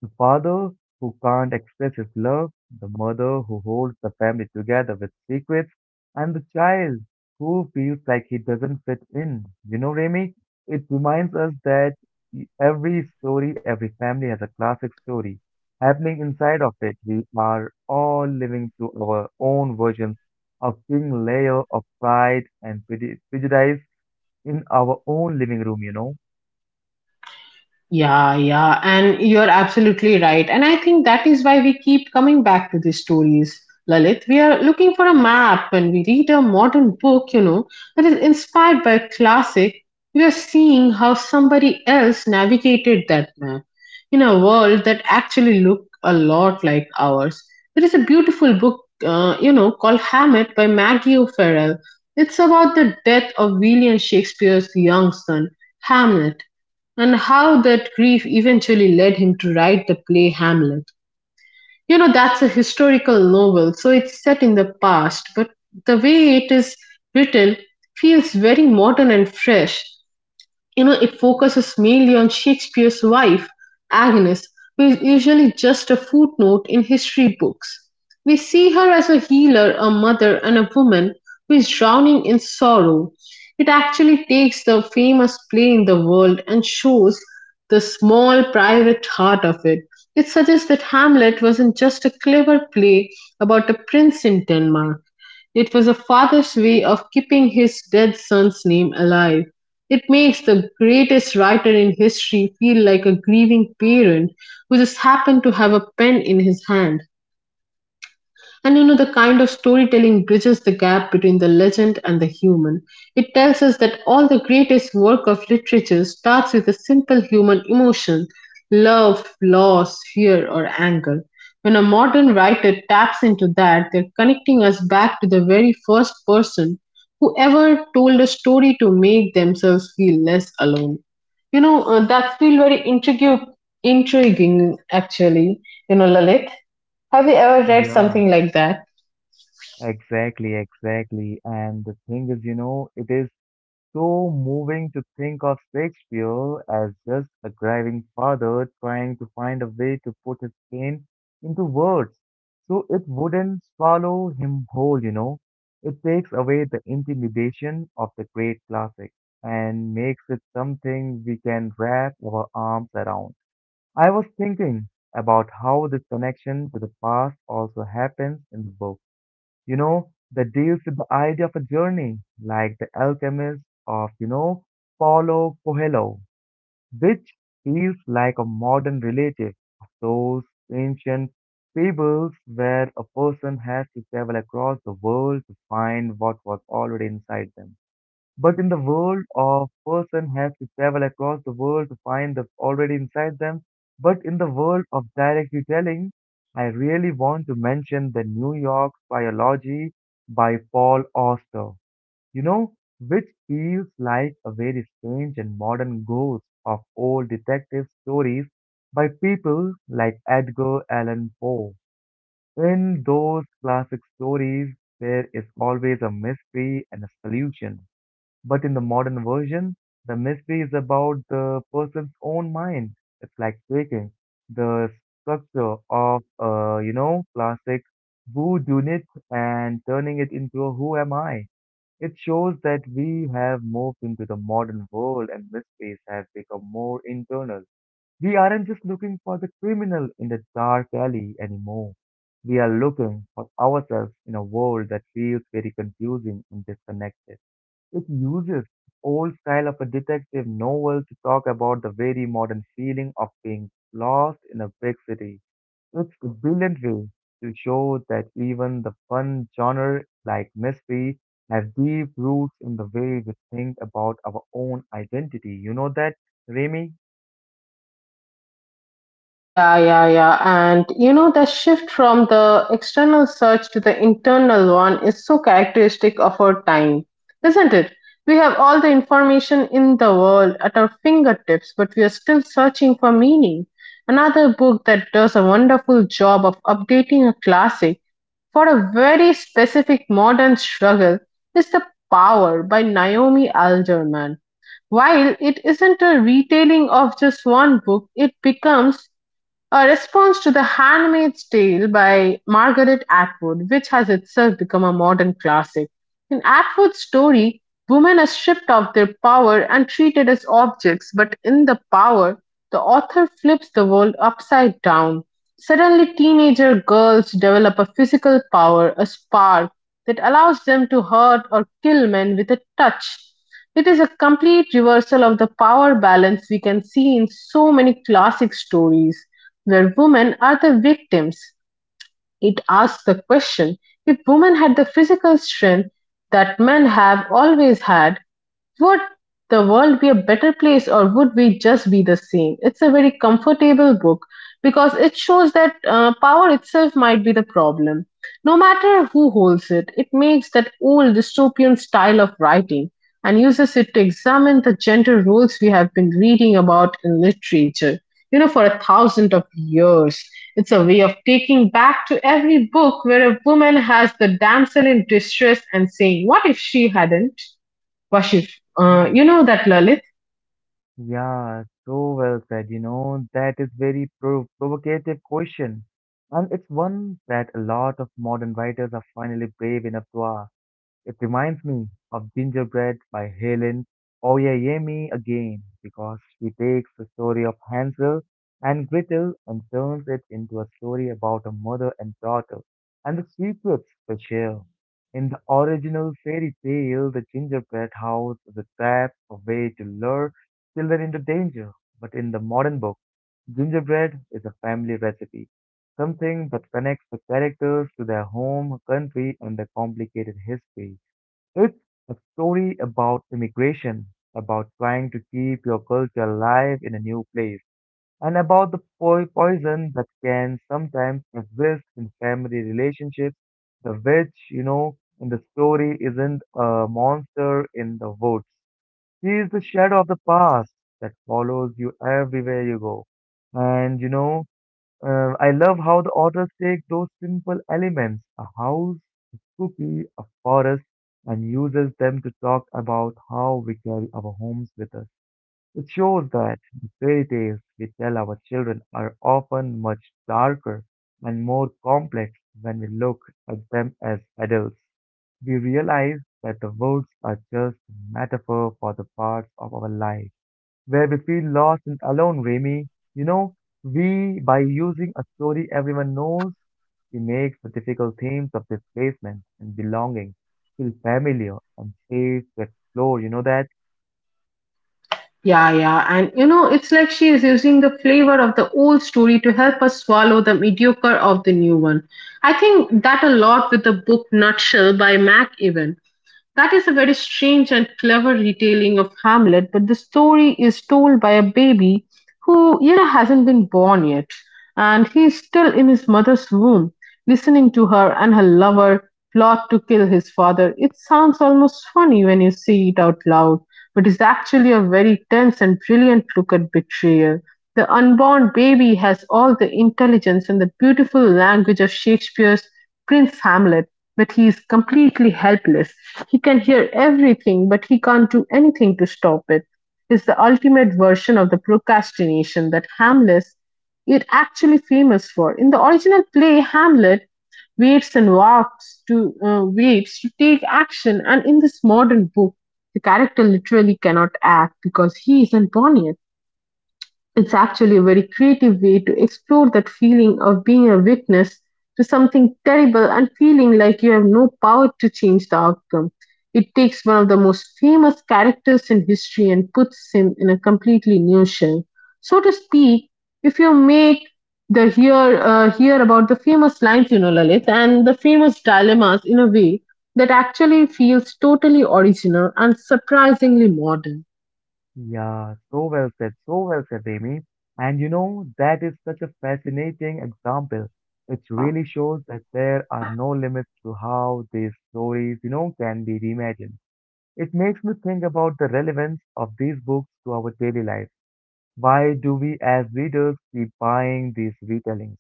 S1: the father who can't express his love, the mother who holds the family together with secrets, and the child who feels like he doesn't fit in. You know, Remy, it reminds us that every story, every family has a classic story happening inside of it. We are all living through our own versions of thin layer of pride and prejudice in our own living room, you know?
S2: Yeah, yeah, and you're absolutely right. And I think that is why we keep coming back to these stories, Lalit. We are looking for a map when we read a modern book, you know, that is inspired by a classic. We are seeing how somebody else navigated that map in a world that actually looked a lot like ours. There is a beautiful book, you know, called Hamlet by Maggie O'Farrell. It's about the death of William Shakespeare's young son, Hamlet, and how that grief eventually led him to write the play Hamlet. You know, that's a historical novel, so it's set in the past, but the way it is written feels very modern and fresh. You know, it focuses mainly on Shakespeare's wife, Agnes, who is usually just a footnote in history books. We see her as a healer, a mother, and a woman who is drowning in sorrow. It actually takes the famous play in the world and shows the small private heart of it. It suggests that Hamlet wasn't just a clever play about a prince in Denmark. It was a father's way of keeping his dead son's name alive. It makes the greatest writer in history feel like a grieving parent who just happened to have a pen in his hand. And you know, the kind of storytelling bridges the gap between the legend and the human. It tells us that all the greatest work of literature starts with a simple human emotion, love, loss, fear, or anger. When a modern writer taps into that, they're connecting us back to the very first person who ever told a story to make themselves feel less alone. You know, that's still very intriguing actually, you know, Lalit. Have you ever read
S1: Yeah.
S2: something like that?
S1: Exactly, exactly. And the thing is, it is so moving to think of Shakespeare as just a driving father trying to find a way to put his pain into words. So it wouldn't swallow him whole. It takes away the intimidation of the great classic and makes it something we can wrap our arms around. I was thinking about how this connection to the past also happens in the book that deals with the idea of a journey, like The Alchemist of, Paulo Coelho, which feels like a modern relative of those ancient fables where a person has to travel across the world to find what was already inside them. But in the world of person has to travel across the world to find the already inside them. But in the world of direct retelling, I really want to mention the New York biology by Paul Auster, you know, which feels like a very strange and modern ghost of old detective stories by people like Edgar Allan Poe. In those classic stories, there is always a mystery and a solution but in the modern version, the mystery is about the person's own mind. It's like breaking the structure of, classic voodoo myth and turning it into a who am I. It shows that we have moved into the modern world and mysteries have become more internal. We aren't just looking for the criminal in the dark alley anymore. We are looking for ourselves in a world that feels very confusing and disconnected. It uses old style of a detective novel to talk about the very modern feeling of being lost in a big city. It's a brilliant way to show that even the fun genre like mystery has deep roots in the way we think about our own identity. You know that, Remy?
S2: Yeah, yeah, yeah. And you know, the shift from the external search to the internal one is so characteristic of our time, isn't it? We have all the information in the world at our fingertips, but we are still searching for meaning. Another book that does a wonderful job of updating a classic for a very specific modern struggle is The Power by Naomi Alderman. While it isn't a retelling of just one book, it becomes a response to "The Handmaid's Tale" by Margaret Atwood, which has itself become a modern classic. In Atwood's story, women are stripped of their power and treated as objects, but in "The Power", the author flips the world upside down. Suddenly teenager girls develop a physical power, a spark, that allows them to hurt or kill men with a touch. It is a complete reversal of the power balance we can see in so many classic stories. Where women are the victims, it asks the question, if women had the physical strength that men have always had. Would the world be a better place, or would we just be the same? It's a very comfortable book because it shows that power itself might be the problem. No matter who holds it, it makes that old dystopian style of writing and uses it to examine the gender roles we have been reading about in literature, you know, for a thousand of years. It's a way of taking back to every book where a woman has the damsel in distress and saying, what if she hadn't? Vashif,
S1: Mm.
S2: you know that, Lalit?
S1: Yeah, so well said. You know, that is very provocative question. And it's one that a lot of modern writers are finally brave enough to ask. It reminds me of Gingerbread by Helen Oyeyemi again because she takes the story of Hansel and Gretel and turns it into a story about a mother and daughter and the secrets they share. In the original fairy tale, the gingerbread house is a trap, a way to lure children into danger. But in the modern book, gingerbread is a family recipe, something that connects the characters to their home, country, and their complicated history. It's a story about immigration, about trying to keep your culture alive in a new place, and about the poison that can sometimes exist in family relationships. The witch, in the story isn't a monster in the woods. She is the shadow of the past that follows you everywhere you go. And I love how the authors take those simple elements, a house, a cookie, a forest, and uses them to talk about how we carry our homes with us. It shows that the fairy tales we tell our children are often much darker and more complex when we look at them as adults. We realize that the words are just a metaphor for the parts of our life where we feel lost and alone, Remy. You know, by using a story everyone knows, he makes the difficult themes of displacement and belonging feel familiar and safe to explore. You know that?
S2: Yeah, yeah, and you know, it's like she is using the flavor of the old story to help us swallow the mediocre of the new one. I think that a lot with the book Nutshell by Mac Ewan. That is a very strange and clever retelling of Hamlet, but the story is told by a baby who, you know, hasn't been born yet, and he is still in his mother's womb, listening to her and her lover plot to kill his father. It sounds almost funny when you say it out loud, but is actually a very tense and brilliant look at betrayal. The unborn baby has all the intelligence and the beautiful language of Shakespeare's Prince Hamlet, but he is completely helpless. He can hear everything, but he can't do anything to stop it. It is the ultimate version of the procrastination that Hamlet is actually famous for. In the original play, Hamlet waits and walks to waits to take action, and in this modern book, the character literally cannot act because he isn't born yet. It's actually a very creative way to explore that feeling of being a witness to something terrible and feeling like you have no power to change the outcome. It takes one of the most famous characters in history and puts him in a completely new shell. So to speak, if you make the hear hear about the famous lines, you know, Lalit, and the famous dilemmas in a way that actually feels totally original and surprisingly modern.
S1: Yeah, so well said, Remy. And that is such a fascinating example. It really shows that there are no limits to how these stories, can be reimagined. It makes me think about the relevance of these books to our daily life. Why do we as readers keep buying these retellings?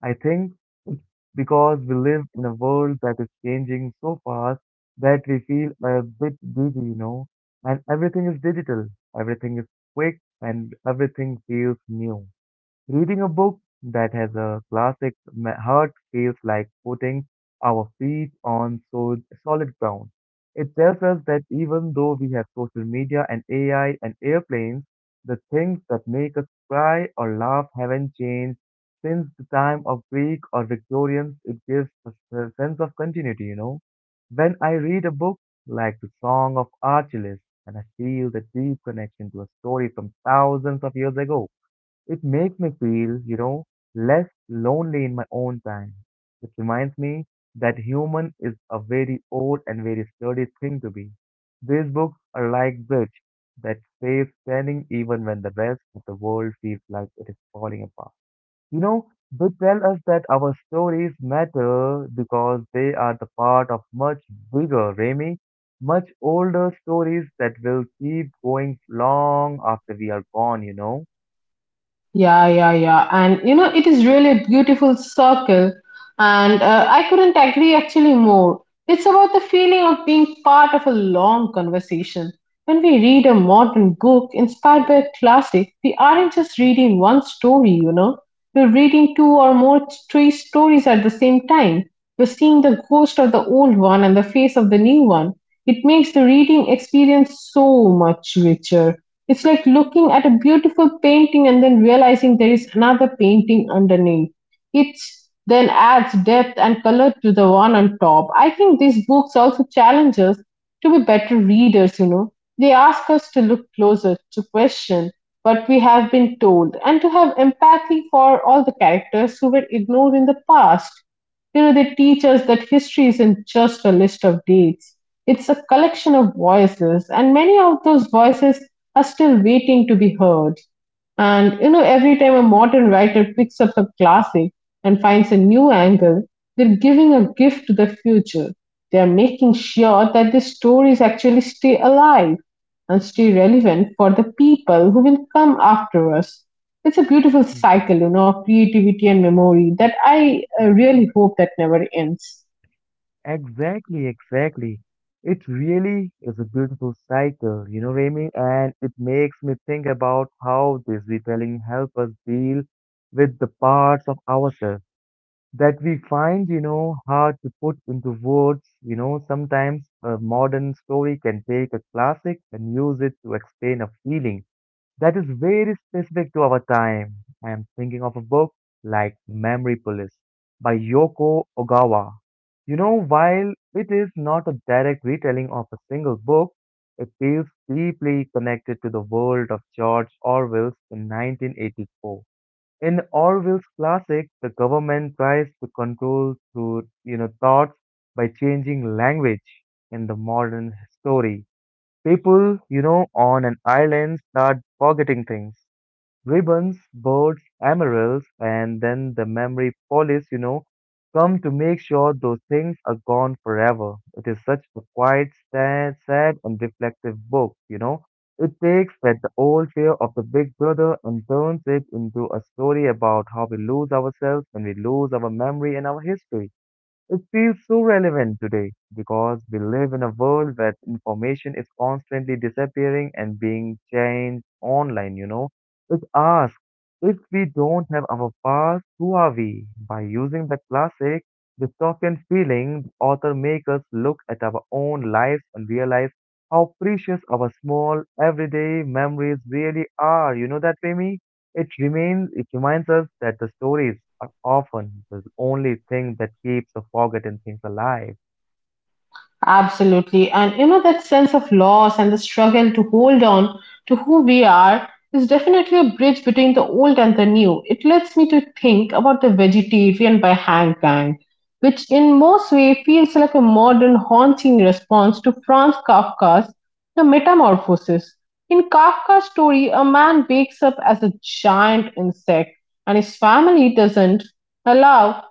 S1: I think it's because we live in a world that is changing so fast that we feel a bit dizzy, and everything is digital, everything is quick, and everything feels new. Reading a book that has a classic heart feels like putting our feet on solid ground. It tells us that even though we have social media and AI and airplanes, the things that make us cry or laugh haven't changed since the time of Greek or Victorians. It gives us a sense of continuity. When I read a book like the Song of Achilles, and I feel the deep connection to a story from thousands of years ago, it makes me feel, less lonely in my own time. It reminds me that human is a very old and very sturdy thing to be. These books are like bridge that stays standing even when the rest of the world feels like it is falling apart. You know, they tell us that our stories matter because they are the part of much bigger, Remy, much older stories that will keep going long after we are gone.
S2: Yeah, yeah, yeah. And you know, it is really a beautiful circle. And I couldn't agree actually more. It's about the feeling of being part of a long conversation. When we read a modern book inspired by a classic, we aren't just reading one story, you know. We're reading two or more, three stories at the same time. We're seeing the ghost of the old one and the face of the new one. It makes the reading experience so much richer. It's like looking at a beautiful painting and then realizing there is another painting underneath. It then adds depth and color to the one on top. I think these books also challenge us to be better readers, you know. They ask us to look closer, to question what we have been told, and to have empathy for all the characters who were ignored in the past. You know, they teach us that history isn't just a list of dates. It's a collection of voices, and many of those voices are still waiting to be heard. And you know, every time a modern writer picks up a classic and finds a new angle, they're giving a gift to the future. They are making sure that the stories actually stay alive and stay relevant for the people who will come after us. It's a beautiful cycle, you know, of creativity and memory that I really hope that never ends.
S1: Exactly, exactly. It really is a beautiful cycle, you know, Remy, and it makes me think about how this retelling help us deal with the parts of ourselves that we find, hard to put into words. Sometimes a modern story can take a classic and use it to explain a feeling that is very specific to our time. I am thinking of a book like Memory Police by Yoko Ogawa. While it is not a direct retelling of a single book, it feels deeply connected to the world of George Orwell's in 1984. In Orwell's classic, the government tries to control through, thoughts by changing language in the modern story. People, on an island start forgetting things. Ribbons, birds, emeralds, and then the memory police, come to make sure those things are gone forever. It is such a quiet, sad, sad and reflective book. It takes that the old fear of the big brother and turns it into a story about how we lose ourselves when we lose our memory and our history. It feels so relevant today because we live in a world where information is constantly disappearing and being changed online. It asks, if we don't have our past, who are we? By using the classic dystopian feeling, the author makes us look at our own lives and realize how precious our small everyday memories really are. You know that, Remy? It reminds us that the stories are often the only thing that keeps the forgotten things alive.
S2: Absolutely. And you know, that sense of loss and the struggle to hold on to who we are is definitely a bridge between the old and the new. It lets me to think about the vegetarian by Hank Gang, which in most way feels like a modern haunting response to Franz Kafka's The Metamorphosis. In Kafka's story, a man wakes up as a giant insect and his family doesn't allow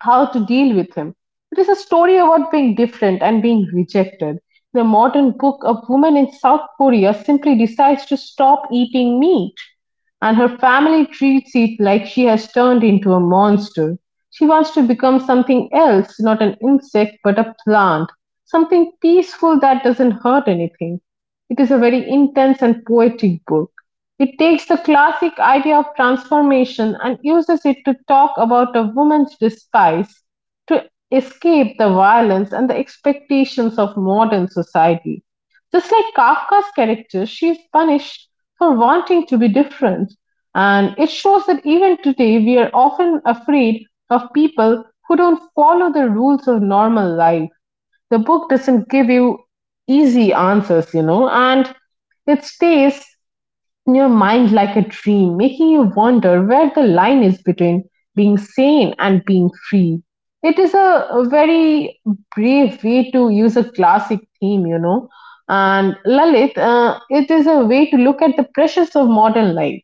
S2: how to deal with him. It is a story about being different and being rejected. The modern book, a woman in South Korea simply decides to stop eating meat, and her family treats it like she has turned into a monster. She wants to become something else, not an insect, but a plant, something peaceful that doesn't hurt anything. It is a very intense and poetic book. It takes the classic idea of transformation and uses it to talk about a woman's disguise to escape the violence and the expectations of modern society. Just like Kafka's character, she is punished for wanting to be different, and it shows that even today we are often afraid of people who don't follow the rules of normal life. The book doesn't give you easy answers, you know, and it stays in your mind like a dream, making you wonder where the line is between being sane and being free. It is a very brave way to use a classic theme, you know. And Lalit, it is a way to look at the pressures of modern life.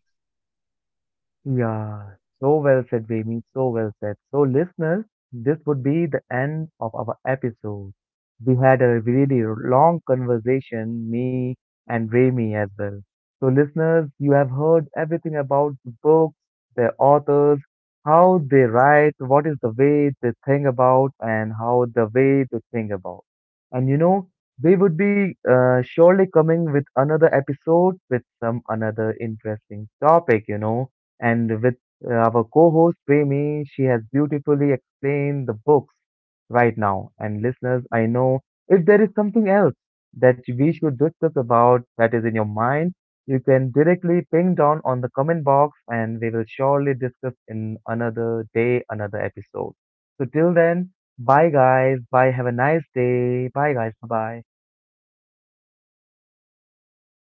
S1: Yeah, so well said, Vemi. So well said. So, listeners, this would be the end of our episode. We had a really long conversation, me and Remy as well. So, listeners, you have heard everything about the books, their authors, how they write, what is the way they think about, and how the way they think about. And we would be surely coming with another episode with some another interesting topic. And with our co host Premi, she has beautifully explained the books right now. And listeners, I know if there is something else that we should discuss about that is in your mind, you can directly ping down on the comment box and we will surely discuss in another day, another episode. So till then, bye guys, bye, have a nice day, bye guys, bye bye.